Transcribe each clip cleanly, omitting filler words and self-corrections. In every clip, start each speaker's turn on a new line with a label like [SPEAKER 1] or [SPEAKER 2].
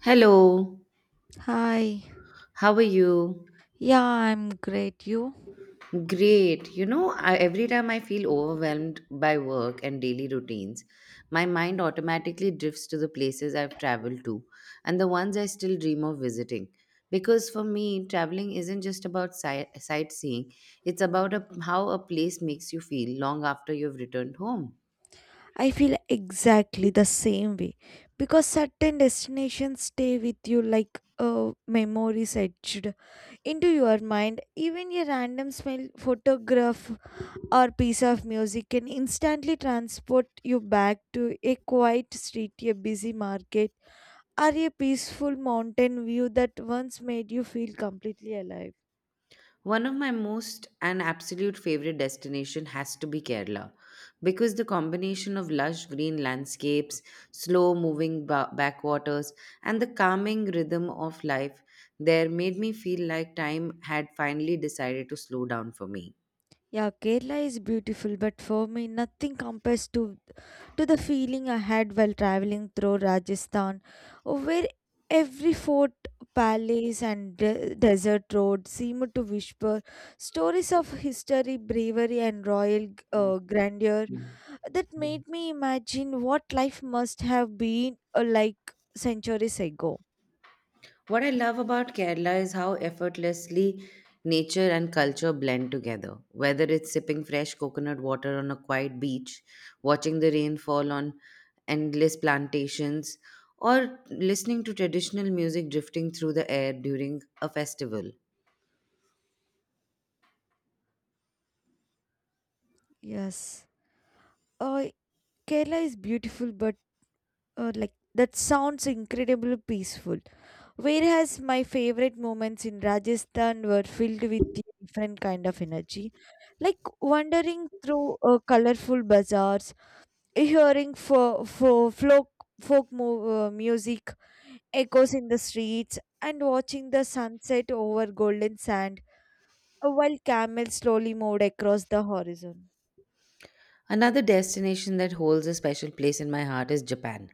[SPEAKER 1] Hello,
[SPEAKER 2] Hi.
[SPEAKER 1] how are you?
[SPEAKER 2] Yeah, I'm great. You?
[SPEAKER 1] Great. You know, I, every time I feel overwhelmed by work and daily routines, my mind automatically drifts to the places I've traveled to and the ones I still dream of visiting. Because for me, traveling isn't just about sightseeing, it's about how a place makes you feel long after you've returned home.
[SPEAKER 2] I feel exactly the same way because certain destinations stay with you like a memories etched into your mind. Even a random smell, photograph, or piece of music can instantly transport you back to a quiet street, a busy market, or a peaceful mountain view that once made you feel completely alive.
[SPEAKER 1] One of my most and absolute favorite destination has to be Kerala because the combination of lush green landscapes, slow moving backwaters and the calming rhythm of life there made me feel like time had finally decided to slow down for me.
[SPEAKER 2] Yeah, Kerala is beautiful, but for me, nothing compares to the feeling I had while traveling through Rajasthan, where every fort, palace, and desert road seemed to whisper stories of history, bravery, and royal grandeur that made me imagine what life must have been like centuries ago.
[SPEAKER 1] What I love about Kerala is how effortlessly nature and culture blend together. Whether it's sipping fresh coconut water on a quiet beach, watching the rain fall on endless plantations, or listening to traditional music drifting through the air during a festival,
[SPEAKER 2] Yes, uh, Kerala is beautiful, but like that sounds incredibly peaceful. Whereas my favorite moments in Rajasthan were filled with a different kind of energy, like wandering through colorful bazaars, hearing for folk folk mu- music echoes in the streets, and watching the sunset over golden sand while camels slowly moved across the horizon.
[SPEAKER 1] another destination that holds a special place in my heart is Japan,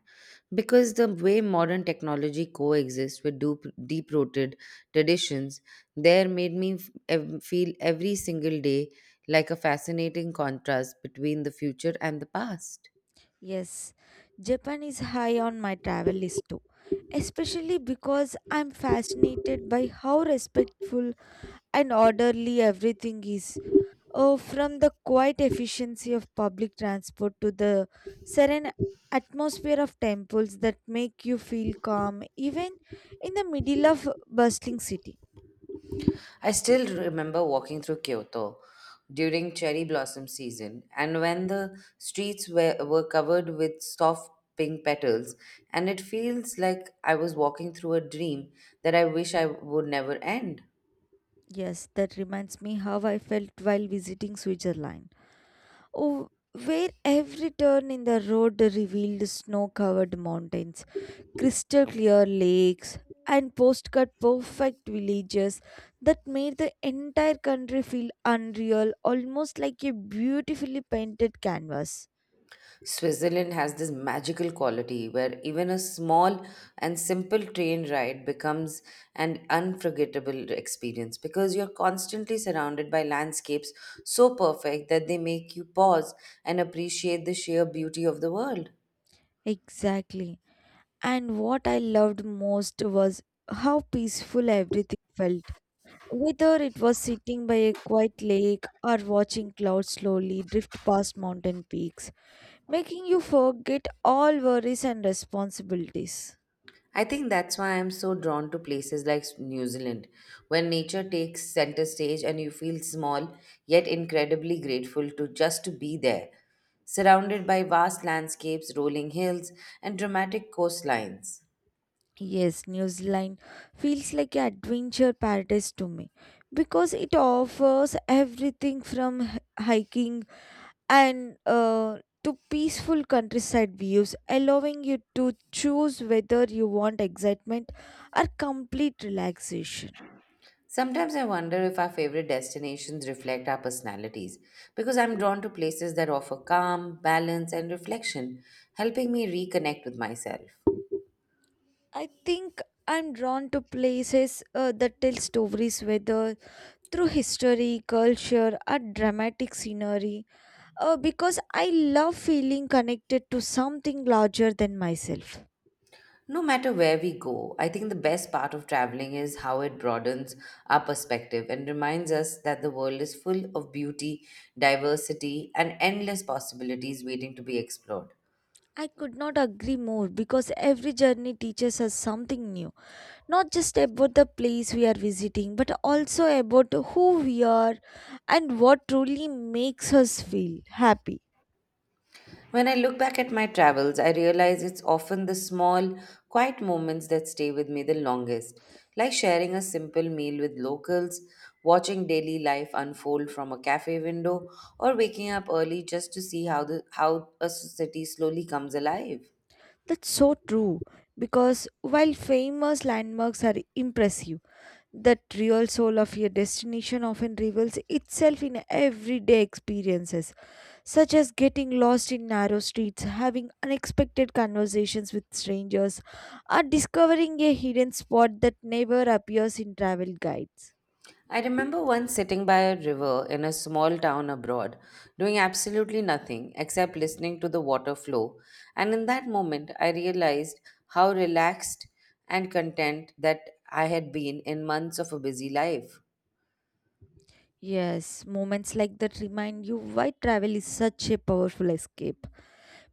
[SPEAKER 1] because the way modern technology coexists with deep rooted traditions there made me feel every single day like a fascinating contrast between the future and the past.
[SPEAKER 2] Yes, Japan is high on my travel list too, especially because I'm fascinated by how respectful and orderly everything is. Oh, from the quiet efficiency of public transport to the serene atmosphere of temples that make you feel calm even in the middle of a bustling city.
[SPEAKER 1] I still remember walking through Kyoto during cherry blossom season, and when the streets were covered with soft pink petals, and it feels like I was walking through a dream that I wish I would never end.
[SPEAKER 2] Yes, that reminds me how I felt while visiting Switzerland. Oh, where every turn in the road revealed snow covered mountains, crystal clear lakes, and postcard perfect villages that made the entire country feel unreal, almost like a beautifully painted canvas.
[SPEAKER 1] Switzerland has this magical quality where even a small and simple train ride becomes an unforgettable experience because you're constantly surrounded by landscapes so perfect that they make you pause and appreciate the sheer beauty of the world.
[SPEAKER 2] Exactly. And what I loved most was how peaceful everything felt. Whether it was sitting by a quiet lake or watching clouds slowly drift past mountain peaks, making you forget all worries and responsibilities.
[SPEAKER 1] I think that's why I'm so drawn to places like New Zealand, where nature takes center stage and you feel small yet incredibly grateful to just to be there, surrounded by vast landscapes, rolling hills, and dramatic coastlines.
[SPEAKER 2] Yes, New Zealand feels like an adventure paradise to me because it offers everything from hiking and to peaceful countryside views, allowing you to choose whether you want excitement or complete relaxation.
[SPEAKER 1] Sometimes I wonder if our favorite destinations reflect our personalities because I'm drawn to places that offer calm, balance, and reflection, helping me reconnect with myself.
[SPEAKER 2] I think I'm drawn to places that tell stories whether through history, culture, or dramatic scenery. Because I love feeling connected to something larger than myself.
[SPEAKER 1] No matter where we go, I think the best part of traveling is how it broadens our perspective and reminds us that the world is full of beauty, diversity, and endless possibilities waiting to be explored.
[SPEAKER 2] I could not agree more because every journey teaches us something new, not just about the place we are visiting, but also about who we are and what truly makes us feel happy.
[SPEAKER 1] When I look back at my travels, I realize it's often the small, quiet moments that stay with me the longest, like sharing a simple meal with locals, watching daily life unfold from a cafe window, or waking up early just to see how a city slowly comes alive.
[SPEAKER 2] That's so true because while famous landmarks are impressive, that real soul of your destination often reveals itself in everyday experiences, such as getting lost in narrow streets, having unexpected conversations with strangers, or discovering a hidden spot that never appears in travel guides.
[SPEAKER 1] I remember once sitting by a river in a small town abroad, doing absolutely nothing except listening to the water flow, and in that moment I realized how relaxed and content that I had been in months of a busy life.
[SPEAKER 2] Yes, moments like that remind you why travel is such a powerful escape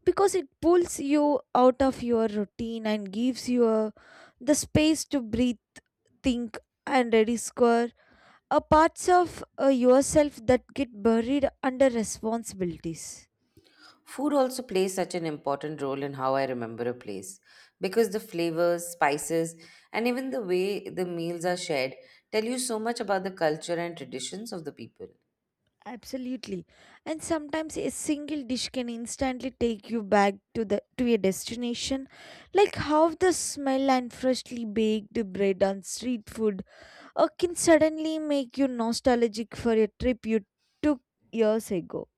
[SPEAKER 2] because it pulls you out of your routine and gives you the space to breathe, think, and rediscover are parts of yourself that get buried under responsibilities.
[SPEAKER 1] Food also plays such an important role in how I remember a place because the flavors, spices, and even the way the meals are shared tell you so much about the culture and traditions of the people.
[SPEAKER 2] Absolutely. And sometimes a single dish can instantly take you back to the to your destination, like how the smell and freshly baked bread on street food can suddenly make you nostalgic for a trip you took years ago.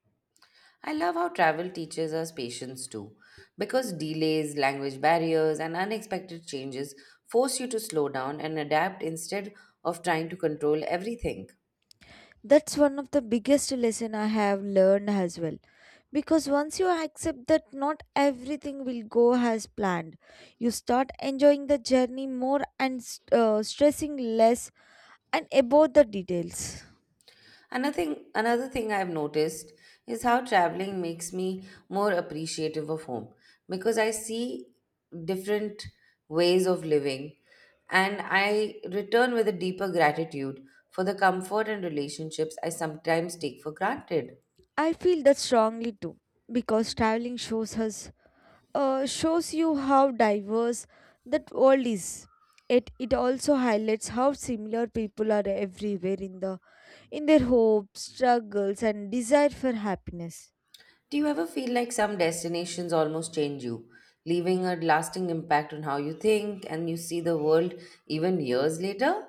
[SPEAKER 1] I love how travel teaches us patience too, because delays, language barriers, and unexpected changes force you to slow down and adapt instead of trying to control everything.
[SPEAKER 2] That's one of the biggest lesson I have learned as well. Because once you accept that not everything will go as planned, you start enjoying the journey more and stressing less and about the details.
[SPEAKER 1] Another thing I've noticed is how traveling makes me more appreciative of home because I see different ways of living and I return with a deeper gratitude for the comfort and relationships I sometimes take for granted.
[SPEAKER 2] I feel that strongly too because traveling shows us shows you how diverse that world is. It also highlights how similar people are everywhere in the in their hopes, struggles, and desire for happiness.
[SPEAKER 1] Do you ever feel like some destinations almost change you, leaving a lasting impact on how you think and you see the world even years later?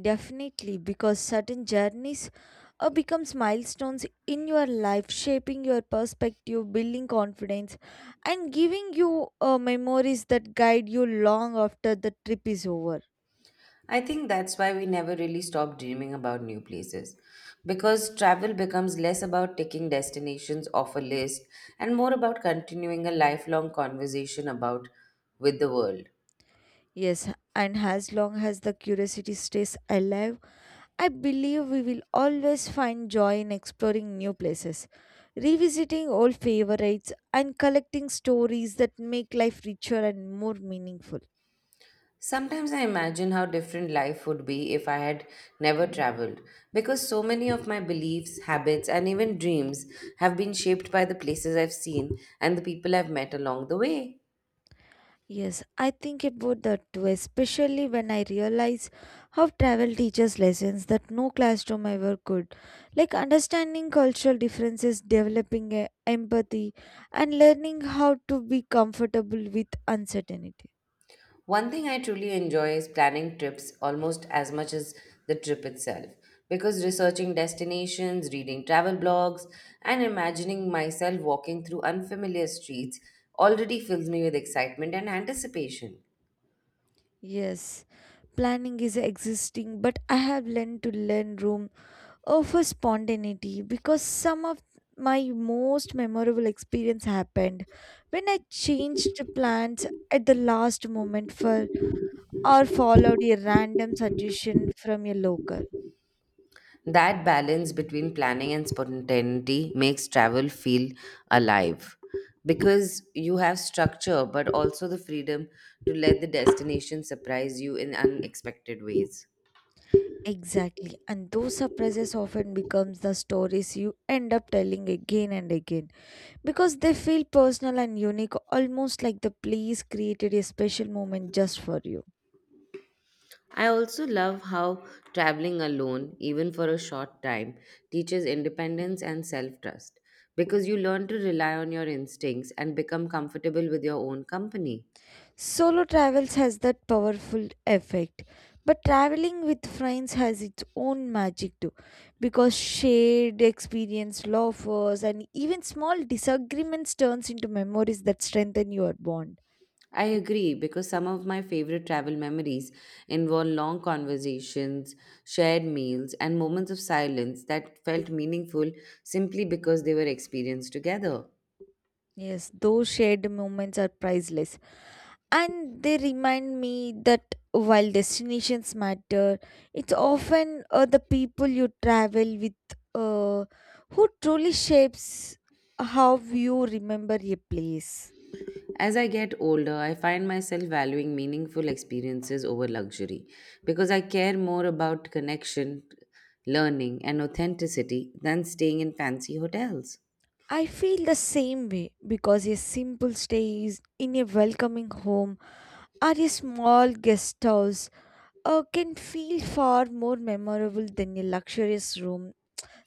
[SPEAKER 2] Definitely, because certain journeys becomes milestones in your life, shaping your perspective, building confidence, and giving you memories that guide you long after the trip is over.
[SPEAKER 1] I think that's why we never really stop dreaming about new places. Because travel becomes less about ticking destinations off a list and more about continuing a lifelong conversation about with the world.
[SPEAKER 2] Yes, and as long as the curiosity stays alive, I believe we will always find joy in exploring new places, revisiting old favorites, and collecting stories that make life richer and more meaningful.
[SPEAKER 1] Sometimes I imagine how different life would be if I had never traveled, because so many of my beliefs, habits, and even dreams have been shaped by the places I've seen and the people I've met along the way.
[SPEAKER 2] Yes, I think about that too, especially when I realize how travel teaches lessons that no classroom ever could. Like understanding cultural differences, developing a empathy, and learning how to be comfortable with uncertainty.
[SPEAKER 1] One thing I truly enjoy is planning trips almost as much as the trip itself, because researching destinations, reading travel blogs, and imagining myself walking through unfamiliar streets already fills me with excitement and anticipation.
[SPEAKER 2] Yes, planning is existing, but I have learned to learn room oh, spontaneity because some of my most memorable experience happened when I changed plans at the last moment for or followed a random suggestion from a local.
[SPEAKER 1] That balance between planning and spontaneity makes travel feel alive because you have structure but also the freedom to let the destination surprise you in unexpected ways.
[SPEAKER 2] Exactly. And those surprises often becomes the stories you end up telling again and again because they feel personal and unique, almost like the place created a special moment just for you.
[SPEAKER 1] I also love how traveling alone, even for a short time, teaches independence and self trust because you learn to rely on your instincts and become comfortable with your own company.
[SPEAKER 2] Solo travels has that powerful effect. But traveling with friends has its own magic too because shared experience, laughs, and even small disagreements turns into memories that strengthen your bond.
[SPEAKER 1] I agree because some of my favorite travel memories involve long conversations, shared meals, and moments of silence that felt meaningful simply because they were experienced together.
[SPEAKER 2] Yes, those shared moments are priceless. And they remind me that while destinations matter, it's often the people you travel with uh, who truly shapes how you remember a place.
[SPEAKER 1] As I get older, I find myself valuing meaningful experiences over luxury because I care more about connection, learning, and authenticity than staying in fancy hotels.
[SPEAKER 2] I feel the same way because a simple stay is in a welcoming home or a small guest house can feel far more memorable than a luxurious room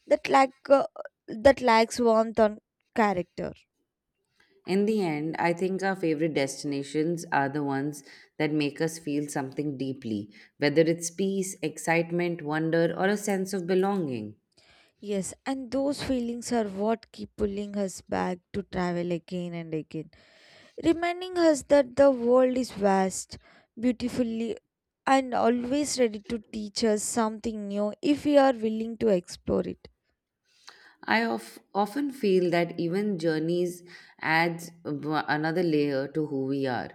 [SPEAKER 2] that lack uh, that lacks warmth on character.
[SPEAKER 1] In the end, I think our favorite destinations are the ones that make us feel something deeply, whether it's peace, excitement, wonder, or a sense of belonging.
[SPEAKER 2] Yes, and those feelings are what keep pulling us back to travel again and again, reminding us that the world is vast, beautifully, and always ready to teach us something new if we are willing to explore it.
[SPEAKER 1] I often feel that even journeys adds another layer to who we are,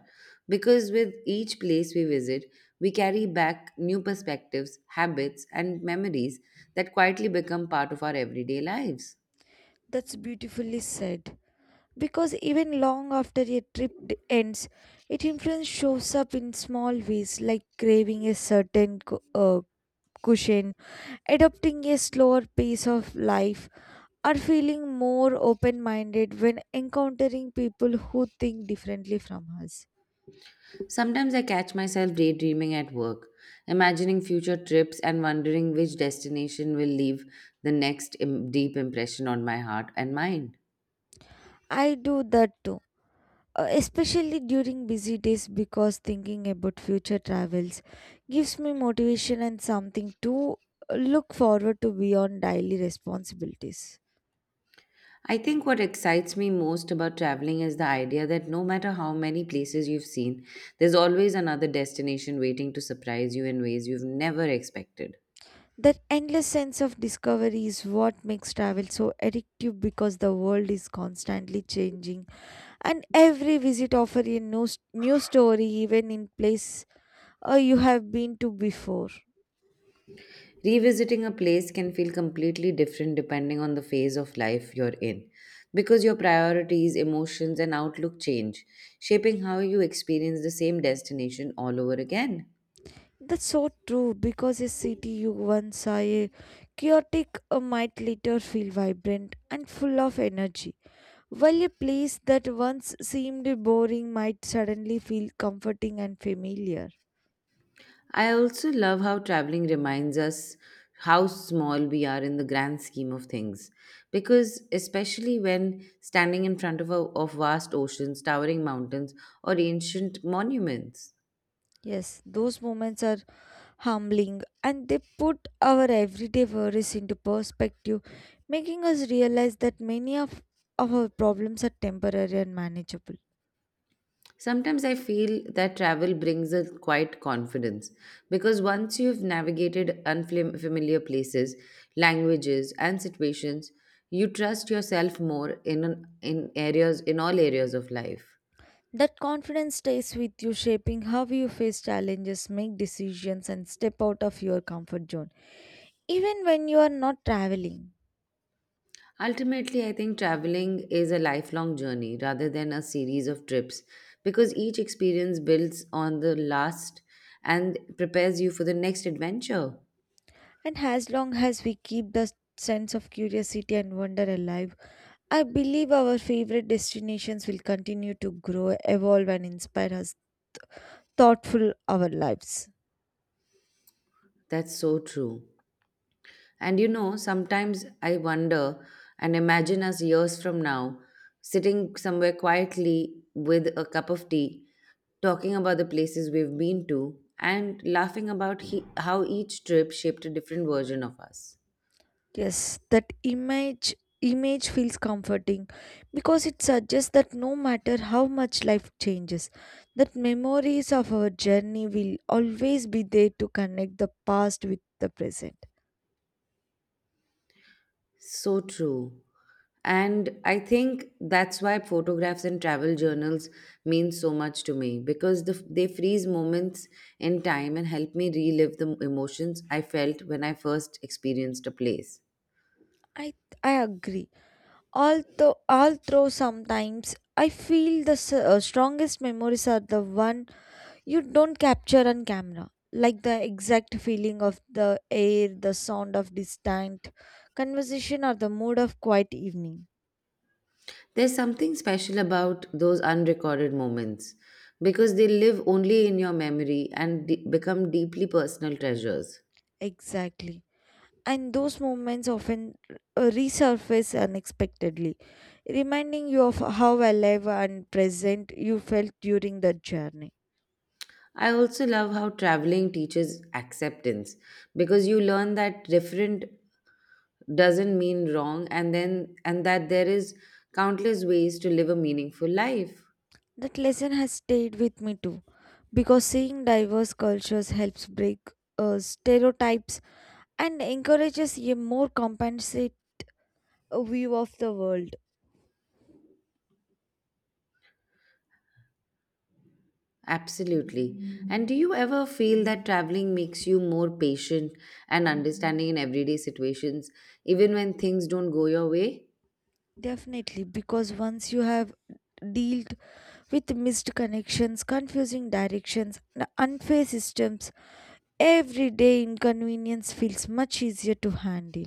[SPEAKER 1] because with each place we visit, we carry back new perspectives, habits, and memories that quietly become part of our everyday lives.
[SPEAKER 2] That's beautifully said because even long after a trip ends, it influence shows up in small ways, like craving a certain cushion, adopting a slower pace of life, or feeling more open minded when encountering people who think differently from us.
[SPEAKER 1] Sometimes I catch myself daydreaming at work, imagining future trips and wondering which destination will leave the next deep impression on my heart and mind.
[SPEAKER 2] I do that too. Especially during busy days, because thinking about future travels gives me motivation and something to look forward to beyond daily responsibilities.
[SPEAKER 1] I think what excites me most about traveling is the idea that no matter how many places you've seen, there's always another destination waiting to surprise you in ways you've never expected.
[SPEAKER 2] That endless sense of discovery is what makes travel so addictive because the world is constantly changing and every visit offers a new story even in place you have been to before.
[SPEAKER 1] Revisiting a place can feel completely different depending on the phase of life you're in, because your priorities, emotions, and outlook change, shaping how you experience the same destination all over again.
[SPEAKER 2] That's so true because a city you once saw a chaotic might later feel vibrant and full of energy, while a place that once seemed boring might suddenly feel comforting and familiar.
[SPEAKER 1] I also love how traveling reminds us how small we are in the grand scheme of things. Because, especially when standing in front of vast oceans, towering mountains, or ancient monuments.
[SPEAKER 2] Yes, those moments are humbling, and they put our everyday worries into perspective, making us realize that many of our problems are temporary and manageable.
[SPEAKER 1] Sometimes I feel that travel brings a quiet confidence because once you've navigated unfamiliar places, languages, and situations, you trust yourself more in all areas of life.
[SPEAKER 2] That confidence stays with you, shaping how you face challenges, make decisions, and step out of your comfort zone, even when you are not traveling.
[SPEAKER 1] Ultimately, I think traveling is a lifelong journey rather than a series of trips because each experience builds on the last and prepares you for the next adventure.
[SPEAKER 2] And as long as we keep the sense of curiosity and wonder alive, I believe our favorite destinations will continue to grow, evolve, and inspire us thoughtful our lives.
[SPEAKER 1] That's so true. And you know, sometimes I wonder and imagine us years from now sitting somewhere quietly with a cup of tea, talking about the places we've been to, and laughing about how each trip shaped a different version of us.
[SPEAKER 2] Yes, that image image feels comforting because it suggests that no matter how much life changes, that memories of our journey will always be there to connect the past with the present.
[SPEAKER 1] So true. And I think that's why photographs and travel journals mean so much to me because they freeze moments in time and help me relive the emotions I felt when I first experienced a place.
[SPEAKER 2] I I agree. Although sometimes I feel the strongest memories are the one you don't capture on camera, like the exact feeling of the air, the sound of distant conversation, or the mood of quiet evening.
[SPEAKER 1] There's something special about those unrecorded moments because they live only in your memory and become deeply personal treasures.
[SPEAKER 2] Exactly. And those moments often resurface unexpectedly, reminding you of how alive and present you felt during that journey.
[SPEAKER 1] I also love how traveling teaches acceptance because you learn that different doesn't mean wrong and that there is countless ways to live a meaningful life.
[SPEAKER 2] That lesson has stayed with me too, because seeing diverse cultures helps break stereotypes and encourages a more compensate view of the world.
[SPEAKER 1] Absolutely. And do you ever feel that traveling makes you more patient and understanding in everyday situations even when things don't go your way?
[SPEAKER 2] Definitely, because once you have dealt with missed connections, confusing directions, and unfair systems, everyday inconvenience feels much easier to handle.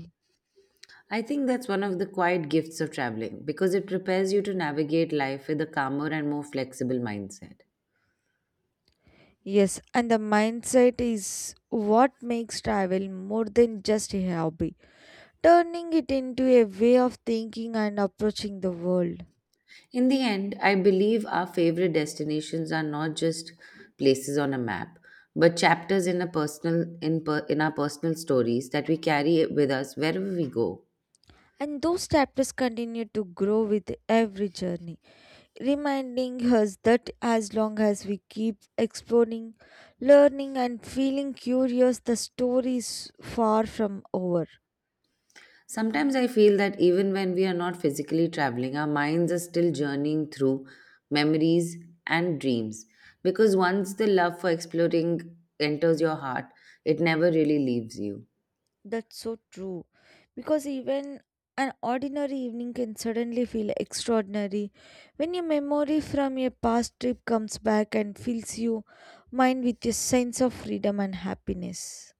[SPEAKER 1] I think that's one of the quiet gifts of traveling because it prepares you to navigate life with a calmer and more flexible mindset.
[SPEAKER 2] Yes, and the mindset is what makes travel more than just a hobby, turning it into a way of thinking and approaching the world.
[SPEAKER 1] In the end, I believe our favorite destinations are not just places on a map, but chapters in a personal in, per, in our personal stories that we carry with us wherever we go.
[SPEAKER 2] And those chapters continue to grow with every journey, reminding us that as long as we keep exploring, learning, and feeling curious, the story is far from over.
[SPEAKER 1] Sometimes I feel that even when we are not physically traveling, our minds are still journeying through memories and dreams. Because once the love for exploring enters your heart, it never really leaves you.
[SPEAKER 2] That's so true. Because even an ordinary evening can suddenly feel extraordinary when your memory from your past trip comes back and fills your mind with a sense of freedom and happiness.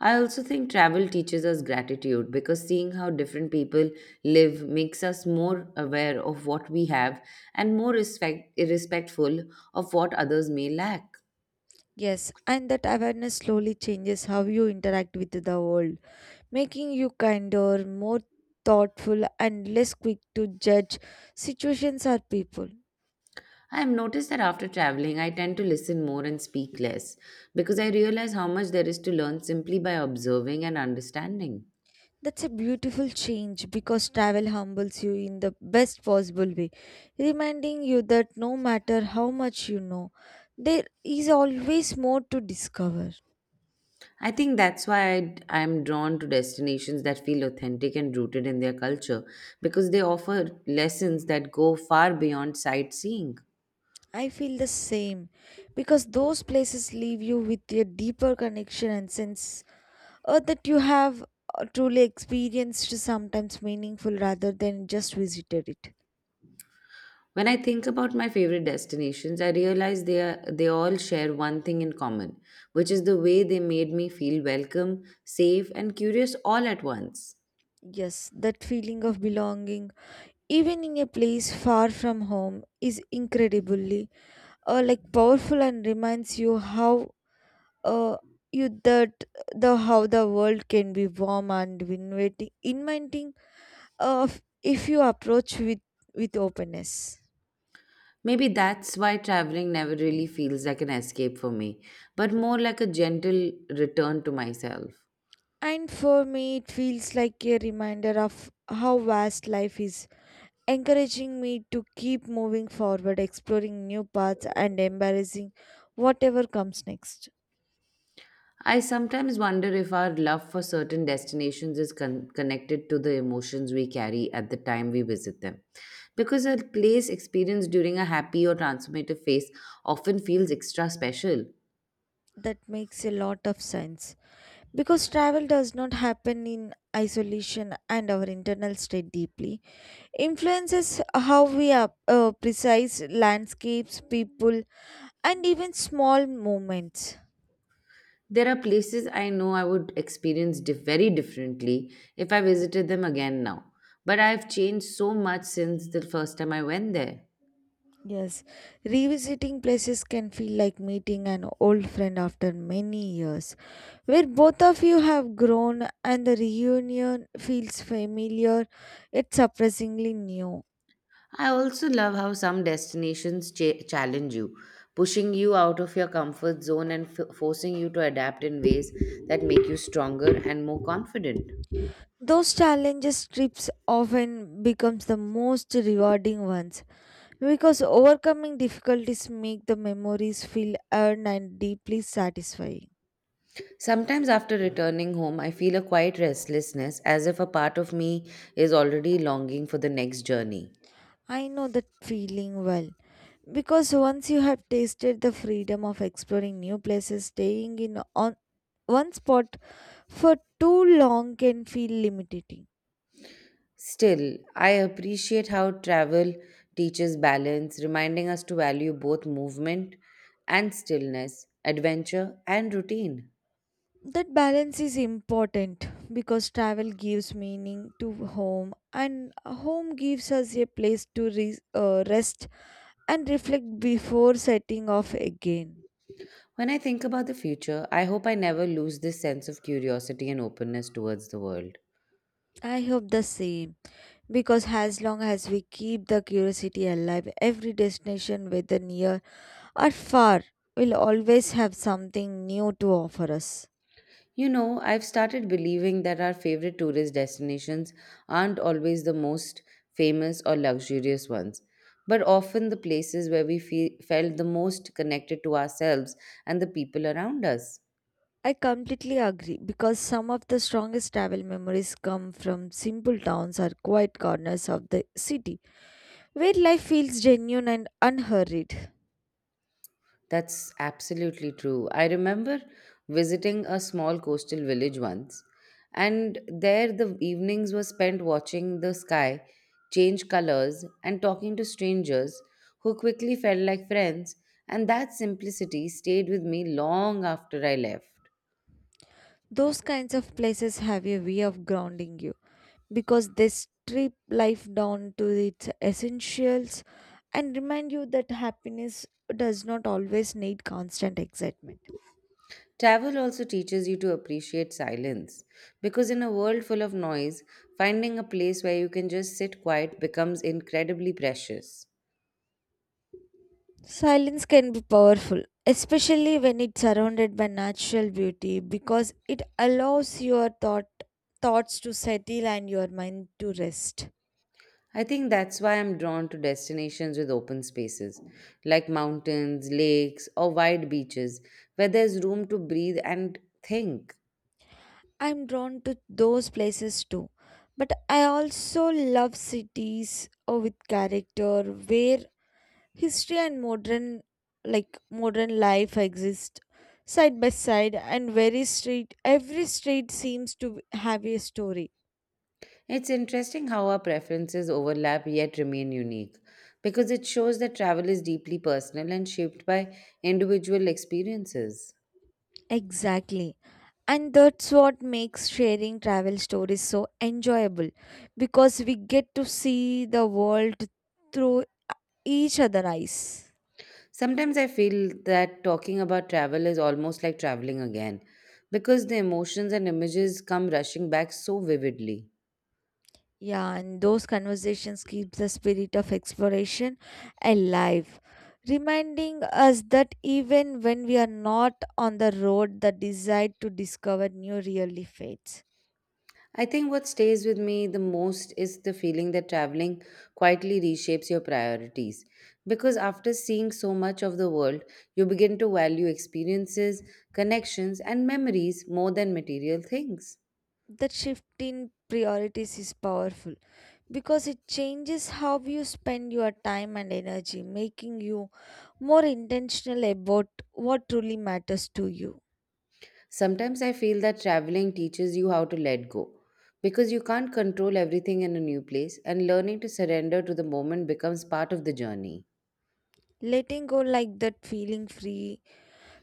[SPEAKER 1] I also think travel teaches us gratitude because seeing how different people live makes us more aware of what we have and more respectful of what others may lack.
[SPEAKER 2] Yes, and that awareness slowly changes how you interact with the world, making you kinder, more thoughtful, and less quick to judge situations or people.
[SPEAKER 1] I have noticed that after traveling, I tend to listen more and speak less because I realize how much there is to learn simply by observing and understanding.
[SPEAKER 2] That's a beautiful change because travel humbles you in the best possible way, reminding you that no matter how much you know, there is always more to discover.
[SPEAKER 1] I think that's why I am drawn to destinations that feel authentic and rooted in their culture because they offer lessons that go far beyond sightseeing.
[SPEAKER 2] I feel the same because those places leave you with a deeper connection and sense that you have truly experienced sometimes meaningful rather than just visited it.
[SPEAKER 1] When I think about my favorite destinations, I realize they all share one thing in common, which is the way they made me feel welcome, safe, and curious all at once.
[SPEAKER 2] Yes, that feeling of belonging, even in a place far from home, is incredibly powerful and reminds you how uh, you that the how the world can be warm and inviting uh, if you approach with openness.
[SPEAKER 1] Maybe that's why traveling never really feels like an escape for me, but more like a gentle return to myself.
[SPEAKER 2] And for me it feels like a reminder of how vast life is, encouraging me to keep moving forward, exploring new paths and embracing whatever comes next.
[SPEAKER 1] I sometimes wonder if our love for certain destinations is connected to the emotions we carry at the time we visit them. Because a place experienced during a happy or transformative phase often feels extra special.
[SPEAKER 2] That makes a lot of sense, because travel does not happen in isolation and our internal state deeply influences how we are, precise landscapes, people, and even small moments.
[SPEAKER 1] There are places I know I would experience very differently if I visited them again now, but I've changed so much since the first time I went there.
[SPEAKER 2] Yes, revisiting places can feel like meeting an old friend after many years, where both of you have grown and the reunion feels familiar yet surprisingly new.
[SPEAKER 1] I also love how some destinations challenge you, pushing you out of your comfort zone and forcing you to adapt in ways that make you stronger and more confident.
[SPEAKER 2] Those challenges trips often becomes the most rewarding ones, because overcoming difficulties make the memories feel earned and deeply satisfying.
[SPEAKER 1] Sometimes after returning home, I feel a quiet restlessness, as if a part of me is already longing for the next journey.
[SPEAKER 2] I know that feeling well, because once you have tasted the freedom of exploring new places, staying in on one spot for too long can feel limiting.
[SPEAKER 1] Still, I appreciate how travel teaches balance, reminding us to value both movement and stillness, adventure and routine.
[SPEAKER 2] That balance is important, because travel gives meaning to home, and home gives us a place to rest and reflect before setting off again.
[SPEAKER 1] When I think about the future, I hope I never lose this sense of curiosity and openness towards the world.
[SPEAKER 2] I hope the same, because as long as we keep the curiosity alive, every destination, whether near or far, will always have something new to offer us.
[SPEAKER 1] You know, I've started believing that our favorite tourist destinations aren't always the most famous or luxurious ones, but often the places where we feel, felt the most connected to ourselves and the people around us.
[SPEAKER 2] I completely agree, because some of the strongest travel memories come from simple towns or quiet corners of the city where life feels genuine and unhurried.
[SPEAKER 1] That's absolutely true. I remember visiting a small coastal village once, and there the evenings were spent watching the sky change colors and talking to strangers who quickly felt like friends, and that simplicity stayed with me long after I left.
[SPEAKER 2] Those kinds of places have a way of grounding you, because they strip life down to its essentials and remind you that happiness does not always need constant excitement.
[SPEAKER 1] Travel also teaches you to appreciate silence because, in a world full of noise, finding a place where you can just sit quiet becomes incredibly precious.
[SPEAKER 2] Silence can be powerful, especially when it's surrounded by natural beauty, because it allows your thoughts to settle and your mind to rest.
[SPEAKER 1] I think that's why I'm drawn to destinations with open spaces, like mountains, lakes, or wide beaches, where there's room to breathe and think.
[SPEAKER 2] I'm drawn to those places too. But I also love cities with character, where history and modern life exist side by side and very street every street seems to have a story.
[SPEAKER 1] It's interesting how our preferences overlap yet remain unique, because it shows that travel is deeply personal and shaped by individual experiences.
[SPEAKER 2] Exactly, and that's what makes sharing travel stories so enjoyable, because we get to see the world through each other's eyes.
[SPEAKER 1] Sometimes I feel that talking about travel is almost like traveling again, because the emotions and images come rushing back so vividly.
[SPEAKER 2] Yeah, and those conversations keep the spirit of exploration alive, reminding us that even when we are not on the road, the desire to discover new really fades.
[SPEAKER 1] I think what stays with me the most is the feeling that traveling quietly reshapes your priorities. Because after seeing so much of the world, you begin to value experiences, connections, and memories more than material things.
[SPEAKER 2] That shift in priorities is powerful, because it changes how you spend your time and energy, making you more intentional about what truly matters to you.
[SPEAKER 1] Sometimes I feel that traveling teaches you how to let go because you can't control everything in a new place, and learning to surrender to the moment becomes part of the journey.
[SPEAKER 2] Letting go, like that feeling free,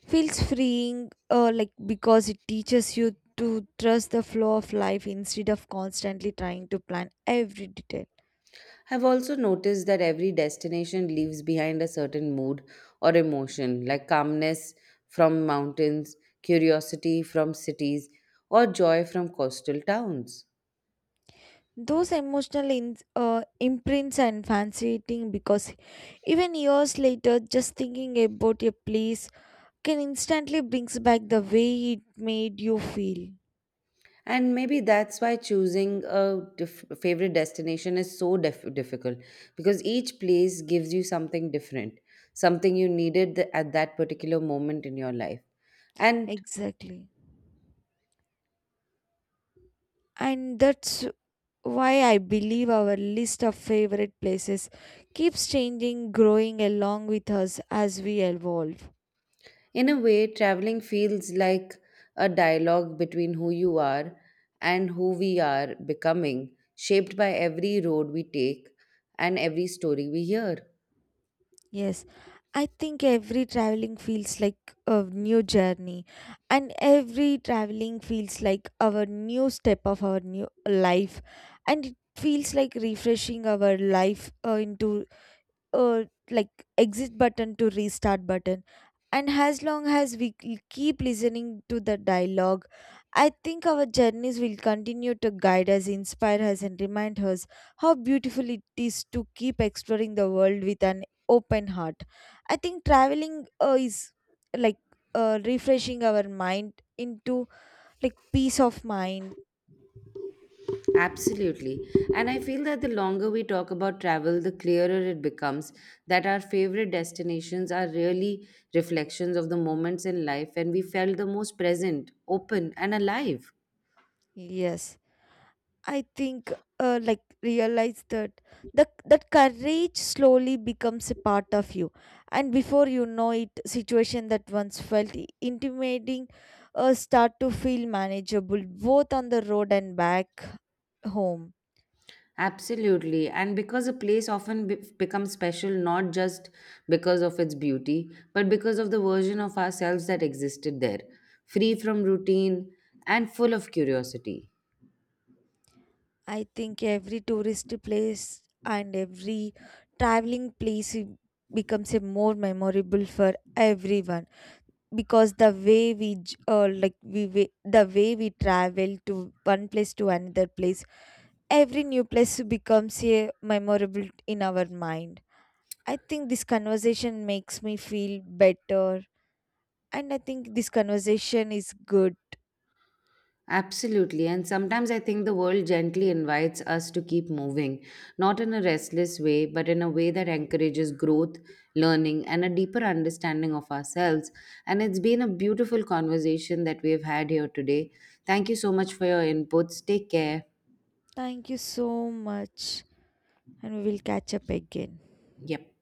[SPEAKER 2] feels freeing, because it teaches you to trust the flow of life instead of constantly trying to plan every detail.
[SPEAKER 1] I've also noticed that every destination leaves behind a certain mood or emotion, like calmness from mountains, curiosity from cities, or joy from coastal towns.
[SPEAKER 2] Those emotional imprints are fascinating, because even years later, just thinking about a place can instantly brings back the way it made you feel.
[SPEAKER 1] And maybe that's why choosing a favorite destination is so difficult, because each place gives you something different, something you needed at that particular moment in your life. And
[SPEAKER 2] Exactly, and that's why I believe our list of favorite places keeps changing, growing along with us as we evolve.
[SPEAKER 1] in a way, traveling feels like a dialogue between who you are and who we are becoming, shaped by every road we take and every story we hear.
[SPEAKER 2] Yes, I think every traveling feels like a new journey, and every traveling feels like our new step of our new life, and it feels like refreshing our life into uh, exit button to restart button. And as long as we keep listening to the dialogue, I think our journeys will continue to guide us, inspire us and remind us how beautiful it is to keep exploring the world with an open heart. I think traveling is like refreshing our mind into, like, peace of mind.
[SPEAKER 1] Absolutely. And I feel that the longer we talk about travel, the clearer it becomes that our favorite destinations are really reflections of the moments in life when we felt the most present, open, and alive.
[SPEAKER 2] Yes, I think, realize that the that courage slowly becomes a part of you, and before you know it, situation that once felt intimidating start to feel manageable both on the road and back home.
[SPEAKER 1] Absolutely. And because a place often becomes special not just because of its beauty, but because of the version of ourselves that existed there, free from routine and full of curiosity.
[SPEAKER 2] I think every tourist place and every traveling place becomes a more memorable for everyone, because the way we j- like we the way we travel to one place to another place, every new place becomes a memorable in our mind. I think this conversation makes me feel better, and I think this conversation is good.
[SPEAKER 1] Absolutely. And sometimes I think the world gently invites us to keep moving, not in a restless way, but in a way that encourages growth, learning, and a deeper understanding of ourselves. And it's been a beautiful conversation that we have had here today. Thank you so much for your inputs. Take care.
[SPEAKER 2] Thank you so much, and we will catch up again.
[SPEAKER 1] Yep.